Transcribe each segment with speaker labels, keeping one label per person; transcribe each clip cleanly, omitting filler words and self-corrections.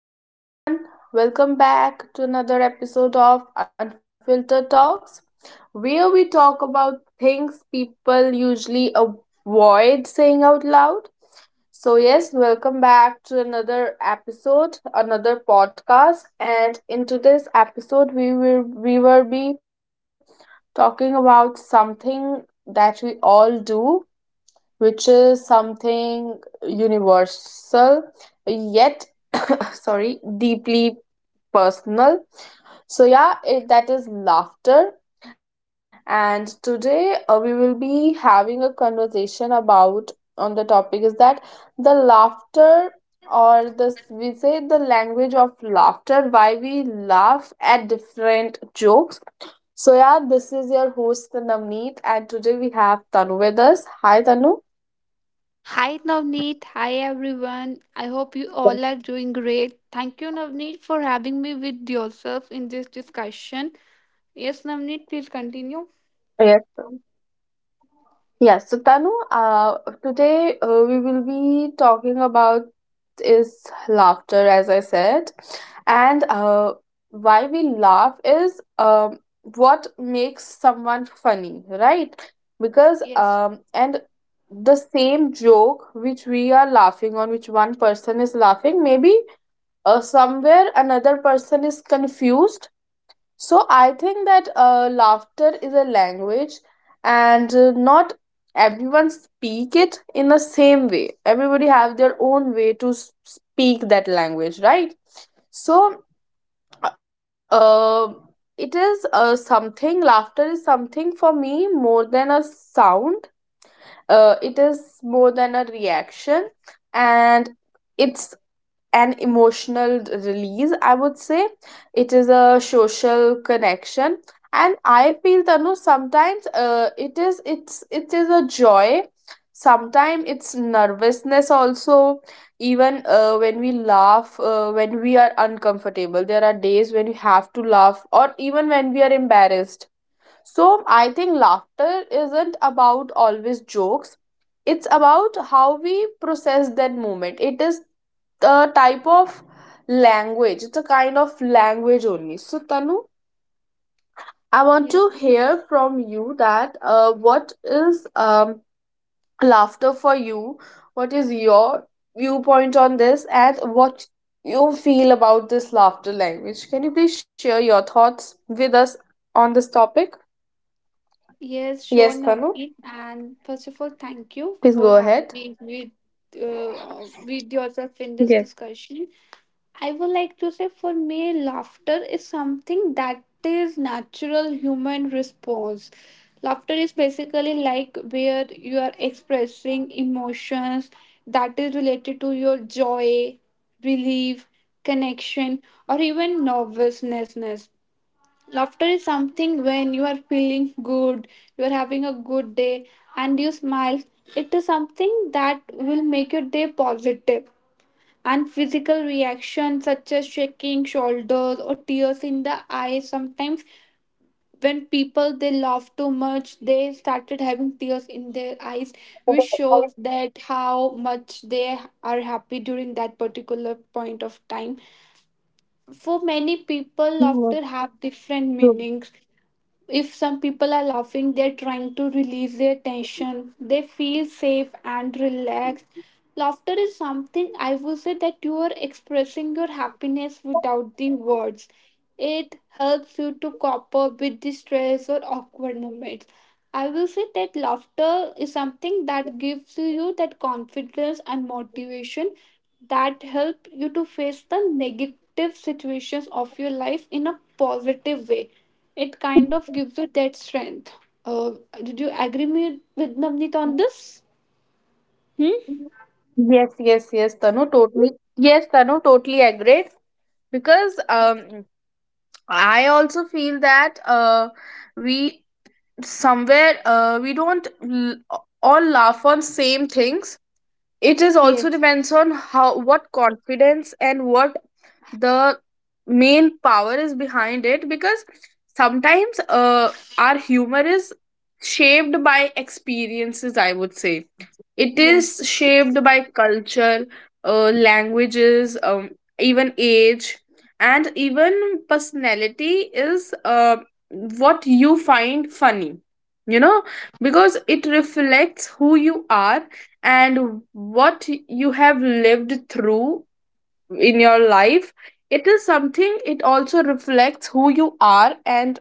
Speaker 1: everyone. Welcome back to another episode of Unfiltered Talks, where we talk about things people usually avoid saying out loud. So, yes, welcome back to another episode, another podcast. And in today's episode, we will be talking about something that we all do, which is something universal, yet sorry, deeply personal. So, yeah, that is laughter. And today we will be having a conversation about on the topic is that the laughter, or this we say, the language of laughter, why we laugh at different jokes. So yeah, this is your host Namneet, and today we have Tanu with us. Hi Tanu.
Speaker 2: Hi Navneet, hi everyone. I hope you all are doing great. Thank you Navneet for having me with yourself in this discussion. Yes Navneet, please continue.
Speaker 1: Yes. Yes, so Tanu, today we will be talking about is laughter, as I said, and why we laugh is, what makes someone funny, right? Because
Speaker 2: Yes.
Speaker 1: and the same joke which we are laughing on, which one person is laughing, maybe somewhere another person is confused. So I think that laughter is a language, and not everyone speak it in the same way. Everybody have their own way to speak that language, right? So uh, it is something. Laughter is something for me more than a sound. It is more than a reaction, and it's an emotional release, I would say. It is a social connection, and I feel, Tanu, sometimes it is a joy, sometimes it's nervousness also. Even when we laugh, when we are uncomfortable, there are days when we have to laugh, or even when we are embarrassed. So I think laughter isn't about always jokes. It's about how we process that moment. It is a type of language, it's a kind of language only. So Tanu, I want to
Speaker 2: Yes.
Speaker 1: hear from you that what is, laughter for you, what is your viewpoint on this, and what you feel about this laughter language? Can you please share your thoughts with us on this topic?
Speaker 2: Yes,
Speaker 1: Yes
Speaker 2: sure
Speaker 1: Tanu,
Speaker 2: Navneet. And first of all, thank you
Speaker 1: please
Speaker 2: for
Speaker 1: go
Speaker 2: having
Speaker 1: ahead.
Speaker 2: me with yourself in this
Speaker 1: yes
Speaker 2: discussion. I would like to say for me laughter is something that is natural human response. Laughter is basically like where you are expressing emotions that is related to your joy, relief, connection, or even nervousness. Laughter is something when you are feeling good, you are having a good day, and you smile. It is something that will make your day positive. And physical reactions such as shaking shoulders or tears in the eyes sometimes when people they laugh too much they started having tears in their eyes, which shows that how much they are happy during that particular point of time. For many people laughter have different meanings. If some people are laughing they're trying to release their tension, they feel safe and relaxed. Laughter is something I would say that you are expressing your happiness without the words. It helps you to cope up with the stress or awkward moments. I will say that laughter is something that gives you that confidence and motivation that help you to face the negative situations of your life in a positive way. It kind of gives you that strength. Uh, did you agree me with Navneet on this? Hmm?
Speaker 1: yes yes yes Tanu, totally. Yes Tanu, totally agreed. Because I also feel that we somewhere, we don't all laugh on same things. It is
Speaker 2: Yes,
Speaker 1: also depends on how what confidence and what the main power is behind it. Because sometimes our humor is shaped by experiences, I would say. It is
Speaker 2: yes,
Speaker 1: shaped by culture, languages, even age, and even personality is what you find funny. You know, because it reflects who you are and what you have lived through in your life. It is something, it also reflects who you are and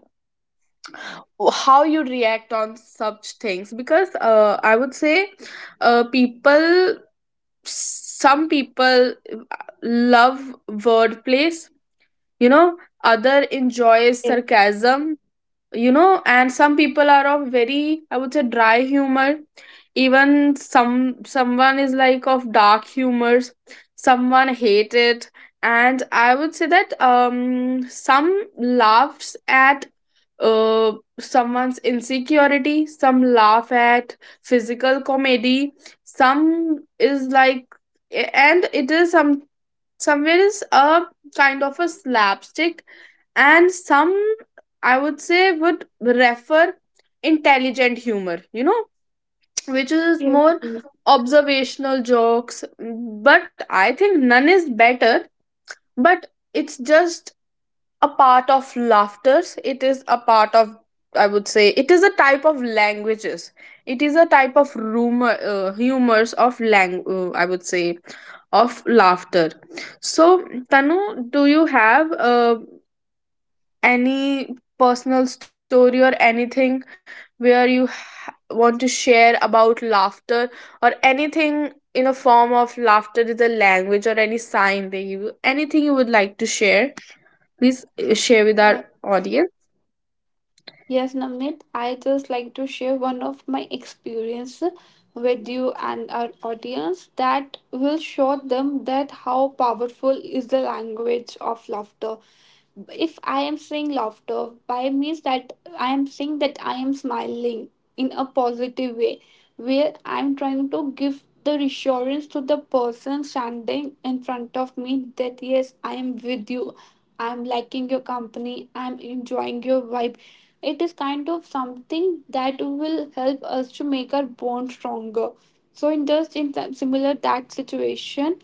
Speaker 1: how you react on such things. Because I would say people, some people love wordplays, you know, other enjoys
Speaker 2: yes,
Speaker 1: sarcasm, you know, and some people are of very, I would say, dry humor. Even some someone is like of dark humors, someone hate it. And I would say that some laughs at uh, someone's insecurity, some laugh at physical comedy, some is like, and it is some, somewhere is a kind of a slapstick, and some, I would say, would refer intelligent humor, you know, which is
Speaker 2: yes.
Speaker 1: more
Speaker 2: Yes.
Speaker 1: observational jokes. But I think none is better, but it's just a part of laughters. It is a part of, I would say, it is a type of languages, it is a type of rumor, humors of lang I would say, of laughter. So Tanu, do you have any personal story or anything where you want to share about laughter, or anything, in a form of laughter is a language or any sign they use, anything you would like to share, please share with our
Speaker 2: Uh,
Speaker 1: audience.
Speaker 2: Yes, Namit, I just like to share one of my experience with you and our audience that will show them that how powerful is the language of laughter. If I am saying laughter, by means that I am saying that I am smiling in a positive way, where I am trying to give the reassurance to the person standing in front of me that yes, I am with you. I'm liking your company. I'm enjoying your vibe. It is kind of something that will help us to make our bond stronger. So in just similar that situation,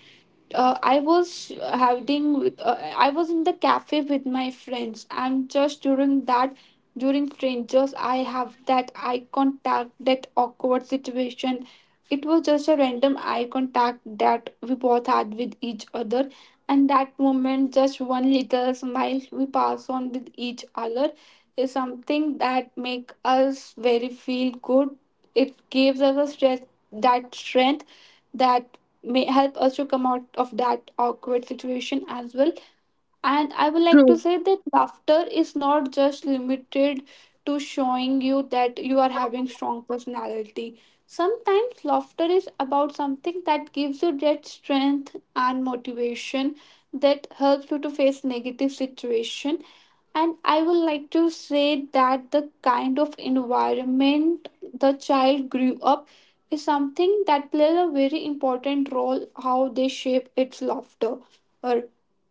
Speaker 2: I was in the cafe with my friends. And just during that, during strangers I have that eye contact, that awkward situation. It was just a random eye contact that we both had with each other, and that moment just one little smile we pass on with each other is something that make us very feel good. It gives us a stress, that strength that may help us to come out of that awkward situation as well. And I would like
Speaker 1: True.
Speaker 2: to say that laughter is not just limited to showing you that you are having strong personality. Sometimes laughter is about something that gives you that strength and motivation that helps you to face negative situation. And I would like to say that the kind of environment the child grew up is something that plays a very important role how they shape its laughter.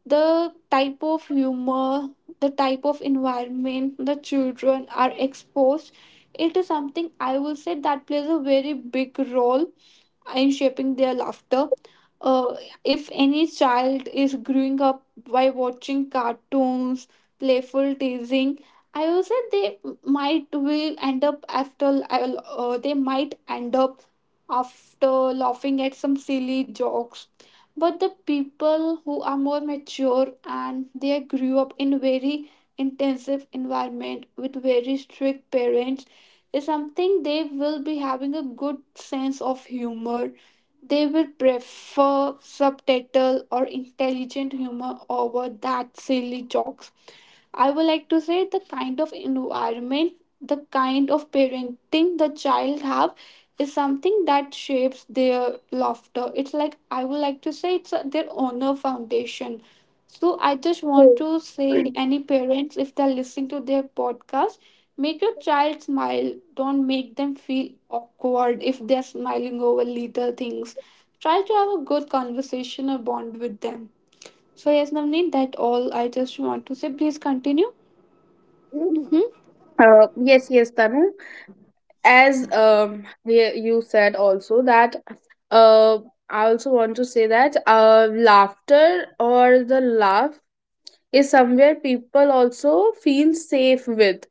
Speaker 2: The type of humor, the type of environment the children are exposed, it is something I will say that plays a very big role and shaping their laughter. Uh, if any child is growing up by watching cartoons, playful teasing, I would say they might will end up after they might end up after laughing at some silly jokes. But the people who are more mature and they grew up in very intensive environment with very strict parents is something they will be having a good sense of humor. They will prefer subtitle or intelligent humor over that silly jokes. I would like to say the kind of environment, the kind of parenting the child have is something that shapes their laughter. It's like I would like to say it's their honor foundation. So I just want
Speaker 1: True.
Speaker 2: to say any parents if they're listening to their podcast, make your child smile. Don't make them feel awkward if they're smiling over little things. Try to have a good conversation or bond with them. So yes, Navneet, that all I just want to say. Please continue. Hmm?
Speaker 1: Yes, yes, Tanu. As you said also that uh, I also want to say that laughter or the laugh is somewhere people also feel safe with.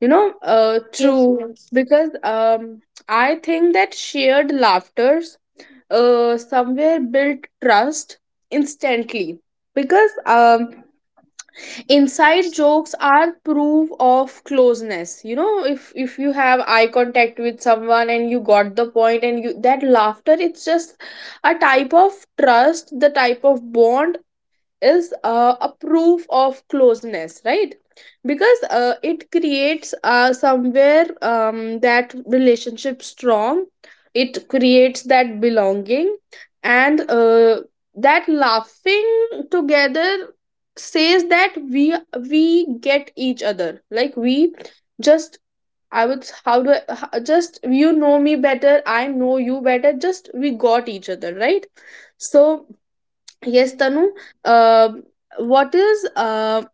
Speaker 1: You know,
Speaker 2: Yes,
Speaker 1: true,
Speaker 2: yes.
Speaker 1: because I think that shared laughters somewhere build trust instantly. Because inside jokes are proof of closeness, you know. If you have eye contact with someone and you got the point and you that laughter, it's just a type of trust, the type of bond is a proof of closeness, right? Because it creates, somewhere, that relationship strong, it creates that belonging. And that laughing together says that we get each other, like we just, I would, how do I, just you know me better, I know you better, just we got each other, right? So, yes,
Speaker 2: Hmm.
Speaker 1: Tanu. Uh, what is uh,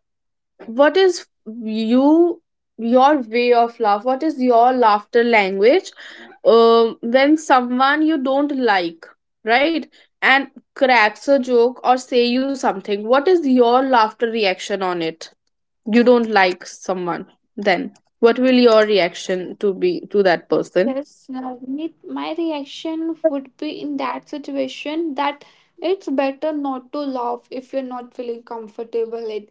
Speaker 1: what is you your way of laugh? What is your laughter language? When someone you don't like, right, and cracks a joke or say you something, what is your laughter reaction on it? You don't like someone, then what will your reaction to be to that person?
Speaker 2: Yes, Navneet, my reaction would be in that situation that it's better not to laugh if you're not feeling comfortable.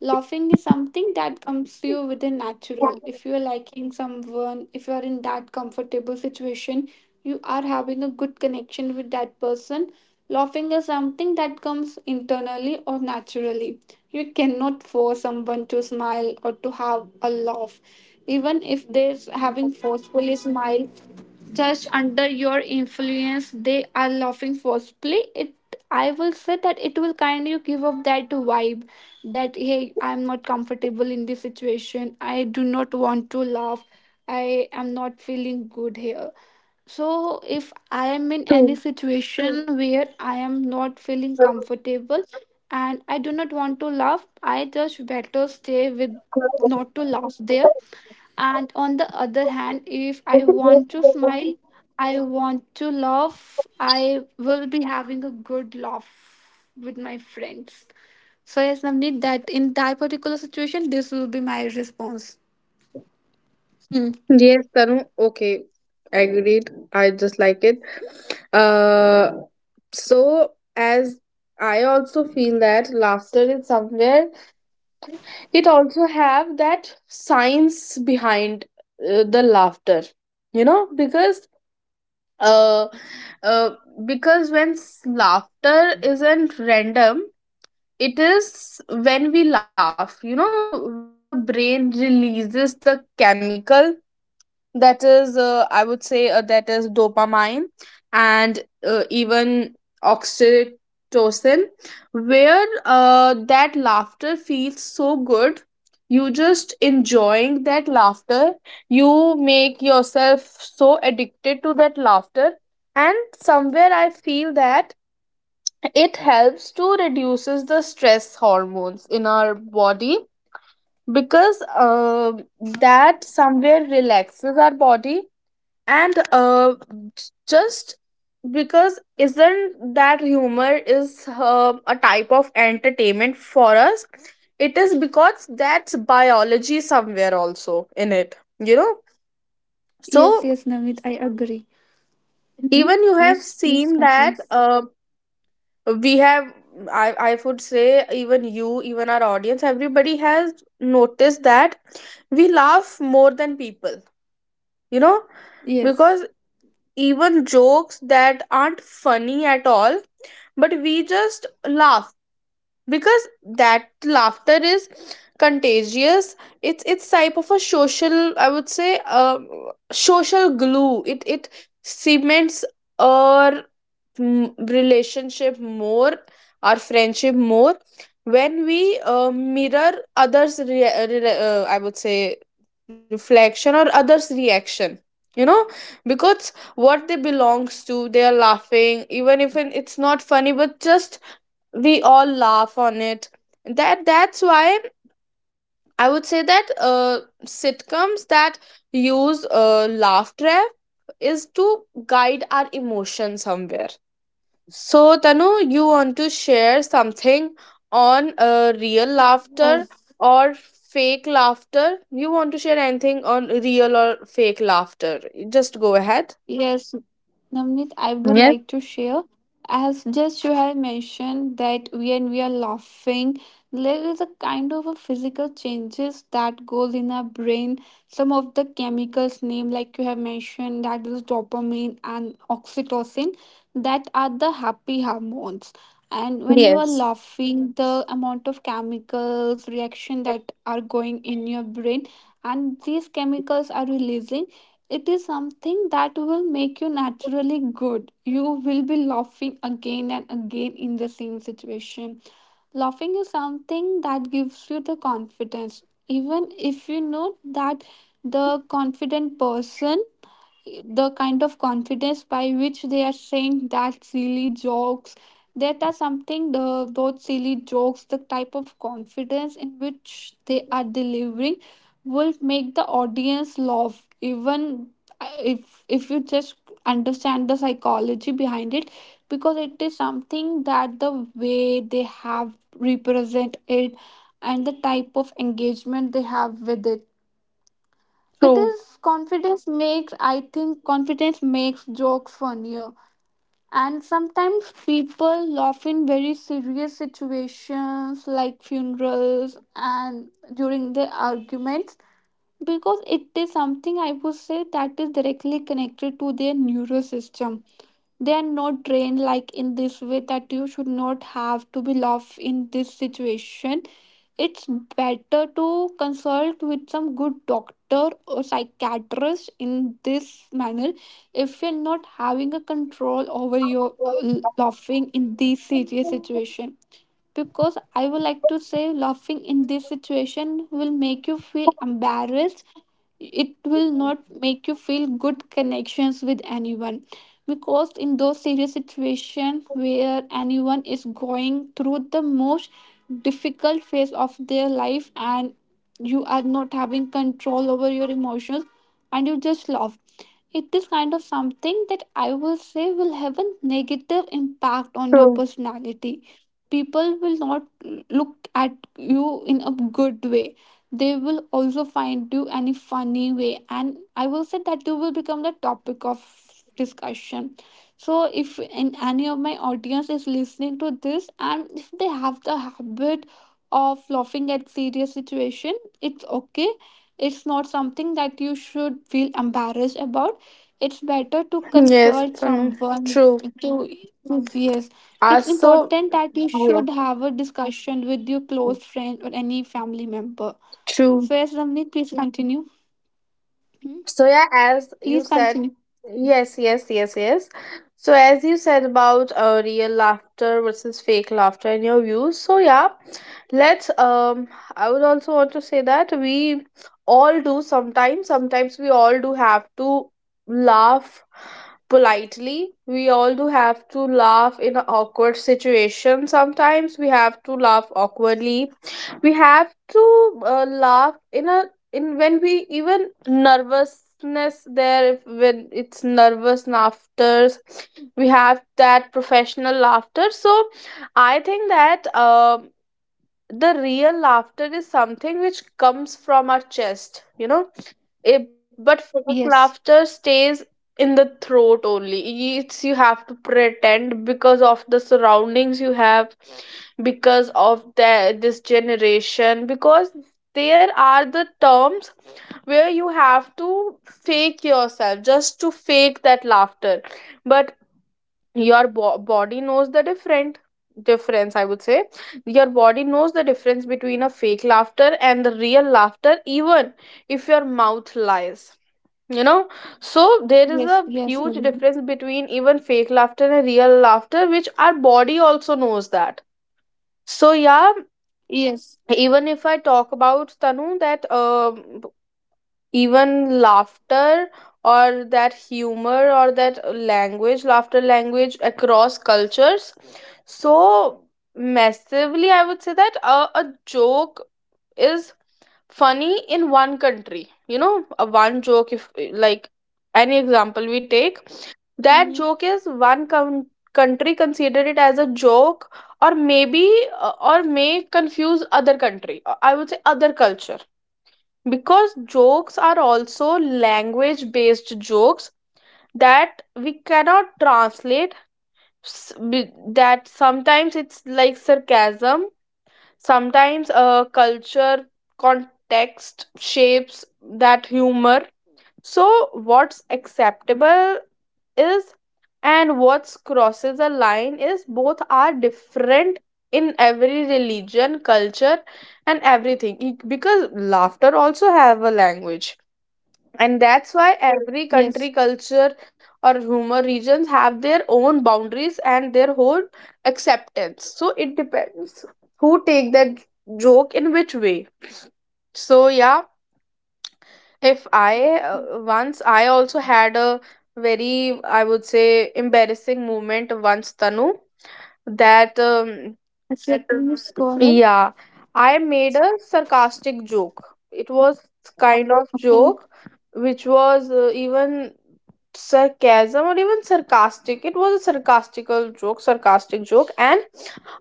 Speaker 2: Laughing is something that comes to you within natural. If you are liking someone, if you are in that comfortable situation, you are having a good connection with that person. Laughing is something that comes internally or naturally. You cannot force someone to smile or to have a laugh. Even if they're having forcefully smile, just under your influence they are laughing forcefully, it I will say that it will kind of give up that vibe that hey, I'm not comfortable in this situation, I do not want to laugh, I am not feeling good here. So, if I am in any
Speaker 1: True.
Speaker 2: situation where I am not feeling comfortable and I do not want to laugh, I just better stay with not to laugh there. And on the other hand, if I want to smile, I want to laugh, I will be having a good laugh with my friends. So, yes, Navneet, that in that particular situation, this will be my response. Hmm.
Speaker 1: Yes, Tanu. Okay, agreed. I just like it. Uh, so as I also feel that laughter is somewhere. It also have that science behind the laughter. You know, uh, uh, because when laughter isn't random, it is when we laugh. You know, when the brain releases the chemical that is, I would say, that is dopamine, and even oxytocin, where that laughter feels so good, you just enjoying that laughter, you make yourself so addicted to that laughter. And somewhere I feel that it helps to reduces the stress hormones in our body. Because uh, that somewhere relaxes our body. And just, because isn't that humor is a type of entertainment for us? It is, because that's biology somewhere also in it, you know.
Speaker 2: Yes,
Speaker 1: So
Speaker 2: yes, Navneet, I agree. Hmm.
Speaker 1: even you have
Speaker 2: Please, please
Speaker 1: seen that
Speaker 2: continue.
Speaker 1: we have, I would say, even you, even our audience, everybody has noticed that we laugh more than people, you know,
Speaker 2: Yes.
Speaker 1: because even jokes that aren't funny at all, but we just laugh, because that laughter is contagious. It's type of a social, I would say, social glue. It cements our relationship more, our friendship more, when we mirror others I would say, reflection or others reaction, you know. Because what they belongs to, they are laughing, even if it's not funny, but just we all laugh on it. That that's why I would say that sitcoms that use laugh trap is to guide our emotion somewhere. So Tanu, you want to share something on real laughter
Speaker 2: Yes,
Speaker 1: or fake laughter? You want to share anything on real or fake laughter? Just go ahead.
Speaker 2: yes, Namit, I would
Speaker 1: Yes.
Speaker 2: like to share. As just you have mentioned that when we are laughing, there is a kind of a physical changes that goes in our brain. Some of the chemicals name, like you have mentioned, that is dopamine and oxytocin, that are the happy hormones. And when you are
Speaker 1: Yes.
Speaker 2: laughing, the amount of chemicals reaction that are going in your brain, and these chemicals are releasing, it is something that will make you naturally good. You will be laughing again and again in the same situation. Laughing is something that gives you the confidence. Even if you know that the confident person, the kind of confidence by which they are saying that silly jokes, that are something, the those silly jokes, the type of confidence in which they are delivering will make the audience laugh even if you just understand the psychology behind it, because it is something that the way they have represent it and the type of engagement they have with it, it
Speaker 1: True.
Speaker 2: is confidence makes, I think, confidence makes jokes funnier. And sometimes people laugh in very serious situations like funerals and during the arguments because it is something I would say that is directly connected to their neurosystem. They are not trained like in this way that you should not have to be love in this situation. It's better to consult with some good doctor or psychiatrist in this manner if you're not having a control over your laughing in this serious situation. Because I would like to say laughing in this situation will make you feel embarrassed, it will not make you feel good connections with anyone, because in those serious situations where anyone is going through the most difficult phase of their life and you are not having control over your emotions and you just love, it is kind of something that I will say will have a negative impact on your
Speaker 1: True.
Speaker 2: personality. People will not look at you in a good way. They will also find you any funny way and I will say that you will become the topic of discussion. So if in any of my audience is listening to this and if they have the habit of laughing at serious situation, it's okay. It's not something that you should feel embarrassed about. It's better to
Speaker 1: Yes
Speaker 2: consult
Speaker 1: Tanu,
Speaker 2: someone
Speaker 1: true
Speaker 2: to, yes, it's
Speaker 1: also.
Speaker 2: important that you should have a discussion with your close friend or any family member.
Speaker 1: True.
Speaker 2: So yes, Ramneet, please continue. Hmm?
Speaker 1: So yeah, as you
Speaker 2: Please
Speaker 1: said,
Speaker 2: continue.
Speaker 1: yes, yes, yes, yes. So as you said about real laughter versus fake laughter and your views. So yeah, let's. I would also want to say that we all do sometimes. Sometimes we all do have to laugh politely. We all do have to laugh in an awkward situation. Sometimes we have to laugh awkwardly. We have to laugh in a, in when we even nervousness there if when it's nervous laughter, we have that professional laughter. So I think that the real laughter is something which comes from our chest, you know, it, but fake
Speaker 2: Yes.
Speaker 1: laughter stays in the throat only. It's you have to pretend because of the surroundings you have, because of the this generation, because there are the terms where you have to fake yourself just to fake that laughter. But your body knows the different difference, I would say. Your body knows the difference between a fake laughter and the real laughter, even if your mouth lies, you know. So there is a
Speaker 2: Yes. Yes.
Speaker 1: huge difference
Speaker 2: Ramneet.
Speaker 1: between even fake laughter and real laughter, which our body also knows that. So yeah,
Speaker 2: Yes.
Speaker 1: even if I talk about Tanu, that even laughter or that humor or that language, laughter language across cultures. So massively, I would say that a joke is funny in one country, you know, a one joke if like, any example we take, that
Speaker 2: Hmm?
Speaker 1: joke is one country consider it as a joke, or maybe or may confuse other country, I would say other culture. Because jokes are also language based jokes that we cannot translate. That sometimes it's like sarcasm, sometimes culture context shapes that humor. So what's acceptable is, and what crosses a line is, both are different in every religion culture and everything. Because laughter also have a language, and that's why every
Speaker 2: Yes.
Speaker 1: country, culture, or humor regions have their own boundaries and their whole acceptance. So it depends who take that joke in which way. So yeah, if I once I also had a very, I would say, embarrassing moment, once Tanu, that
Speaker 2: Akshay, please go ahead.
Speaker 1: yeah, I made a sarcastic joke. It was kind of
Speaker 2: Okay.
Speaker 1: joke which was even sarcasm or even sarcastic. It was a sarcastical joke, sarcastic joke, and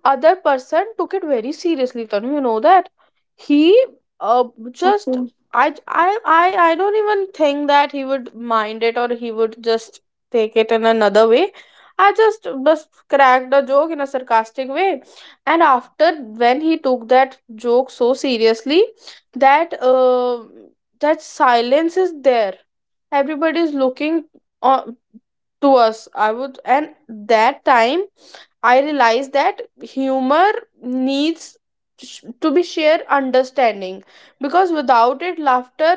Speaker 1: other person took it very seriously, Tanu, you know that he uh, just
Speaker 2: Okay.
Speaker 1: I, I I don't even think that he would mind it or he would just take it in another way. I just cracked a joke in a sarcastic way, and after when he took that joke so seriously, that that silence is there, everybody is looking on to us, I would. And that time I realized that humor needs to be shared understanding, because without it, laughter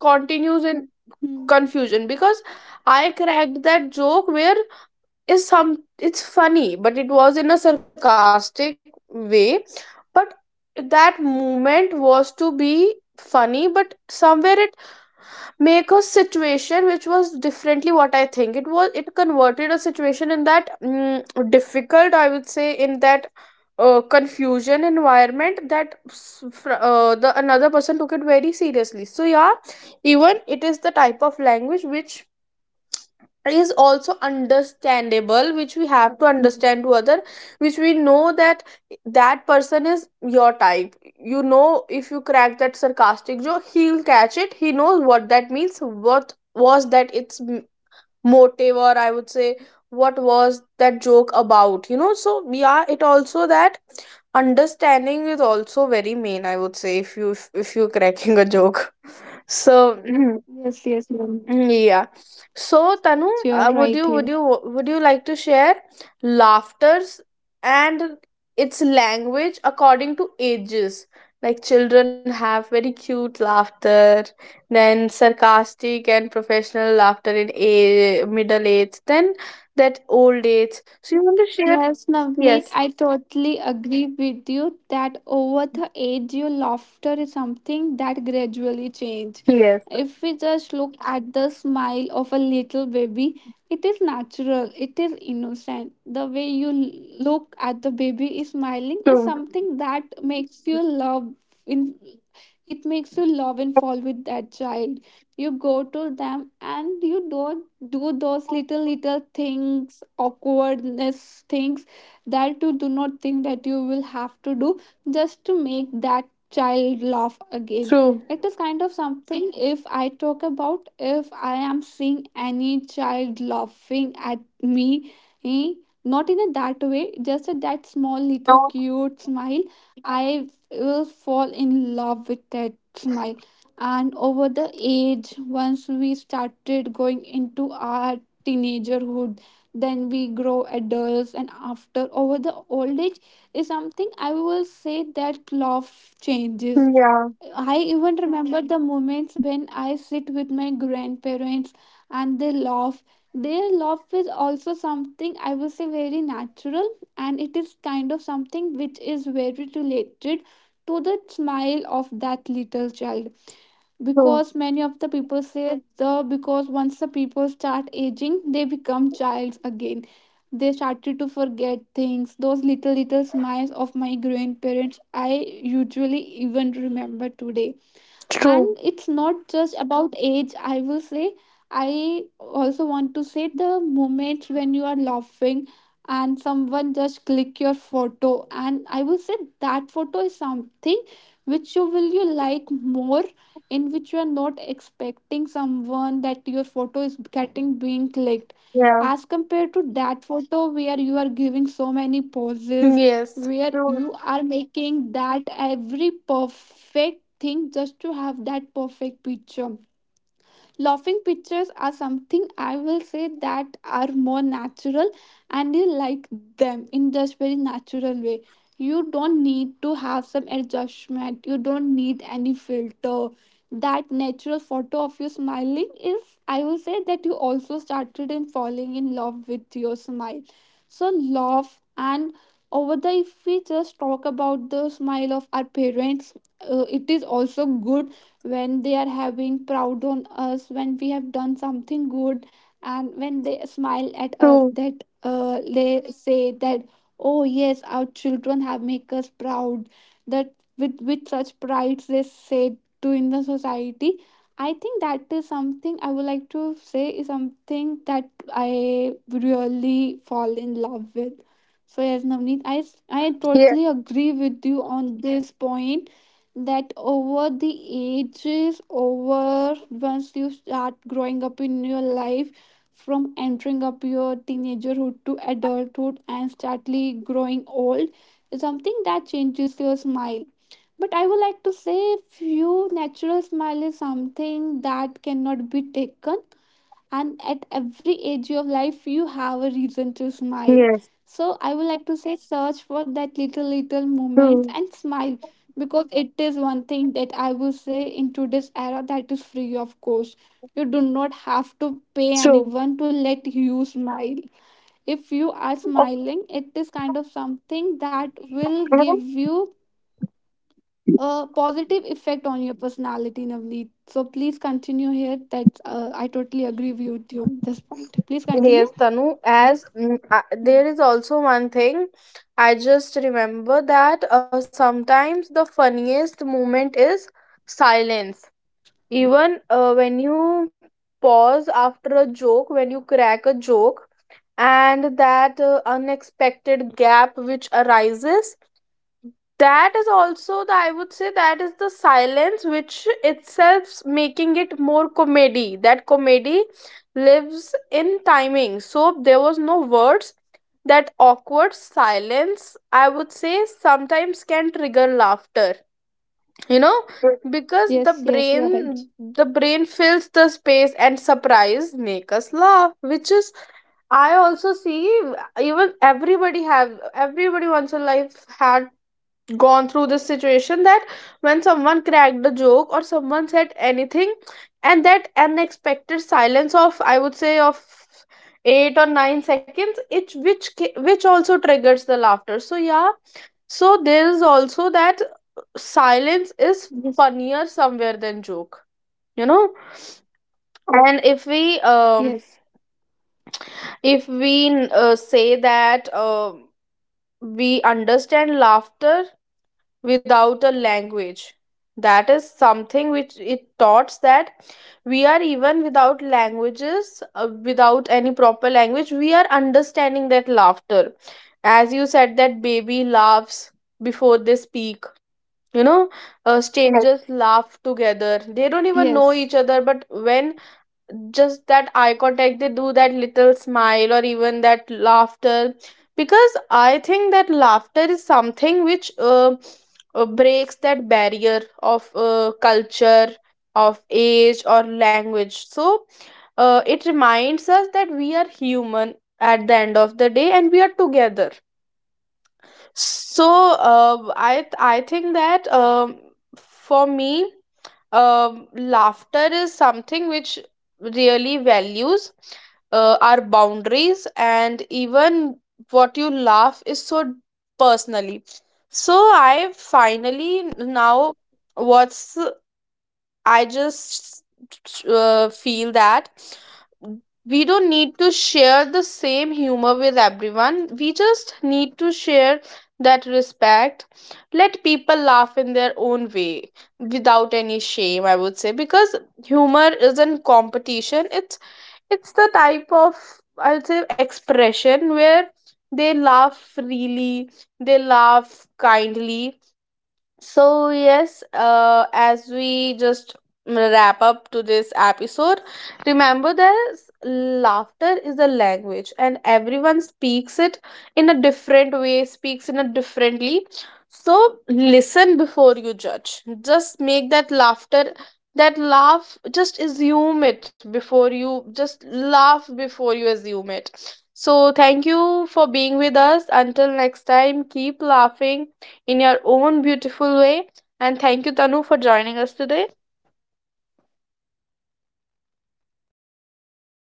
Speaker 1: continues in
Speaker 2: Hmm.
Speaker 1: confusion. Because I cracked that joke where is some it's funny, but it was in a sarcastic way. But that moment was to be funny, but somewhere it make a situation which was differently what I think it was. It converted a situation in that difficult, I would say, in that confusion environment, that the another person took it very seriously. So yeah, even it is the type of language which is also understandable, which we have to
Speaker 2: Hmm.
Speaker 1: understand to other, which we know that that person is your type. You know, if you crack that sarcastic joke, he'll catch it, he knows what that means, what was that, its motive, or I would say what was that joke about, you know. So yeah, it also that understanding is also very main, I would say, if you if you're cracking a joke so
Speaker 2: Yes. Yes. Ramneet.
Speaker 1: Yeah. So, Tanu,
Speaker 2: You are
Speaker 1: would
Speaker 2: right
Speaker 1: you would
Speaker 2: here.
Speaker 1: you would you like to share laughters and its language according to ages? Like children have very cute laughter, then sarcastic and professional laughter in a middle age, then that old age. So you want to share?
Speaker 2: Yes, Navneet,
Speaker 1: Yes.
Speaker 2: I totally agree with you that over the age, your laughter is something that gradually change.
Speaker 1: Yes,
Speaker 2: If we just look at the smile of a little baby, it is natural, it is innocent. The way you look at the baby is smiling is
Speaker 1: true.
Speaker 2: something that makes you love in it, makes you love and fall with that child. You go to them and you don't do those little things, awkwardness things, that you do not think that you will have to do just to make that child laugh again.
Speaker 1: True.
Speaker 2: It is kind of something, if I talk about, if I am seeing any child laughing at me, eh, not in a that way, just at that small little
Speaker 1: No,
Speaker 2: cute smile, I will fall in love with that smile. And over the age once we started going into our teenagerhood, then we grow adults and after over the old age is something I will say that love changes.
Speaker 1: yeah,
Speaker 2: I even remember the moments when I sit with my grandparents and they laugh. Their laugh is also something I would say very natural and it is kind of something which is very related to the smile of that little child,
Speaker 1: true.
Speaker 2: because many of the people say the because once the people start aging they become childs again, they started to forget things. Those little, little smiles of my grandparents, I usually even remember today. And
Speaker 1: True.
Speaker 2: it's not just about age I will say. I also want to say the moments when you are laughing and someone just click your photo, and I will say that photo is something which you will you like more, in which you are not expecting someone that your photo is getting being clicked,
Speaker 1: Yeah,
Speaker 2: as compared to that photo where you are giving so many poses,
Speaker 1: yes,
Speaker 2: where
Speaker 1: true.
Speaker 2: you are making that every perfect thing just to have that perfect picture. Laughing pictures are something I will say that are more natural and you like them in just very natural way. You don't need to have some adjustment. You don't need any filter. That natural photo of you smiling is, I will say that you also started in falling in love with your smile. So love and over the, if we just talk about the smile of our parents, it is also good when they are having proud on us when we have done something good and when they smile at us
Speaker 1: True.
Speaker 2: that they say that oh yes our children have make us proud, that with such pride they say to in the society. I think that is something I would like to say is something that I really fall in love with. So yes Navneet, I
Speaker 1: Yeah,
Speaker 2: totally agree with you on this point that over the ages, over once you start growing up in your life from entering up your teenagerhood to adulthood and startly growing old is something that changes your smile, but I would like to say few natural smile is something that cannot be taken and at every age of life you have a reason to smile.
Speaker 1: yes.
Speaker 2: So I would like to say search for that little little moments
Speaker 1: True.
Speaker 2: and smile, because it is one thing that I will say in today's era that is free of cost. You do not have to pay
Speaker 1: True.
Speaker 2: anyone to let you smile. If you are
Speaker 1: Of.
Speaker 2: smiling, it is kind of something that will give you a positive effect on your personality, Navneet. So please continue here. That's I totally agree with you on this point. Please
Speaker 1: Yes,
Speaker 2: continue.
Speaker 1: Tanu. As there
Speaker 2: Mm.
Speaker 1: is also one thing, I just remember that sometimes the funniest moment is silence. Even when you pause after a joke, when you crack a joke, and that unexpected gap which arises, that is also the, I would say that is the silence which itself making it more comedy, that comedy lives in timing. So there was no words, that awkward silence, I would say, sometimes can trigger laughter, you know. Right. Because the
Speaker 2: Yes, yes, you are right.
Speaker 1: brain the brain fills the space and surprise make us laugh, which is, I also see, even everybody have, everybody once in life had gone through this situation, that when someone cracked a joke or someone said anything, and that unexpected silence of, I would say, of 8 or 9 seconds, it which also triggers the laughter. So yeah, so there is also that
Speaker 2: Yes,
Speaker 1: silence is funnier somewhere than joke, you know. And
Speaker 2: yes,
Speaker 1: if we say that we understand laughter without a language. That is something which it taught that we are even without languages, without any proper language, we are understanding that laughter. As you said, that baby laughs before they speak. You know, yes, strangers
Speaker 2: yes.
Speaker 1: laugh together. They don't even know each other, but when just that eye contact, they do that little smile or even that laughter. Because I think that laughter is something which breaks that barrier of culture, of age or language. So it reminds us that we are human at the end of the day and we are together. So I think that for me, laughter is something which really values our boundaries, and even
Speaker 2: Yes, Navneet,
Speaker 1: what you
Speaker 2: I
Speaker 1: laugh
Speaker 2: totally
Speaker 1: is so
Speaker 2: agree with you.
Speaker 1: personally.
Speaker 2: Mm.
Speaker 1: So I finally now what's, I just feel that we don't need to share the same humor with everyone. We just need to share that respect. Let people laugh in their own way without any shame, I would say, because humor isn't competition. It's the type of, I would say, expression where they laugh freely, they laugh kindly. So, yes, as we just wrap up to this episode, remember that laughter is a language and everyone speaks it in a different way, speaks in a differently. So, listen before you judge. Just make that laughter, that laugh, just assume it before you, just laugh before you assume it. So, thank you for being with us. Until next time, keep laughing in your own beautiful way. And thank you, Tanu, for joining us today.
Speaker 2: Thank you, Navneet. Thank you, everyone. Bye bye.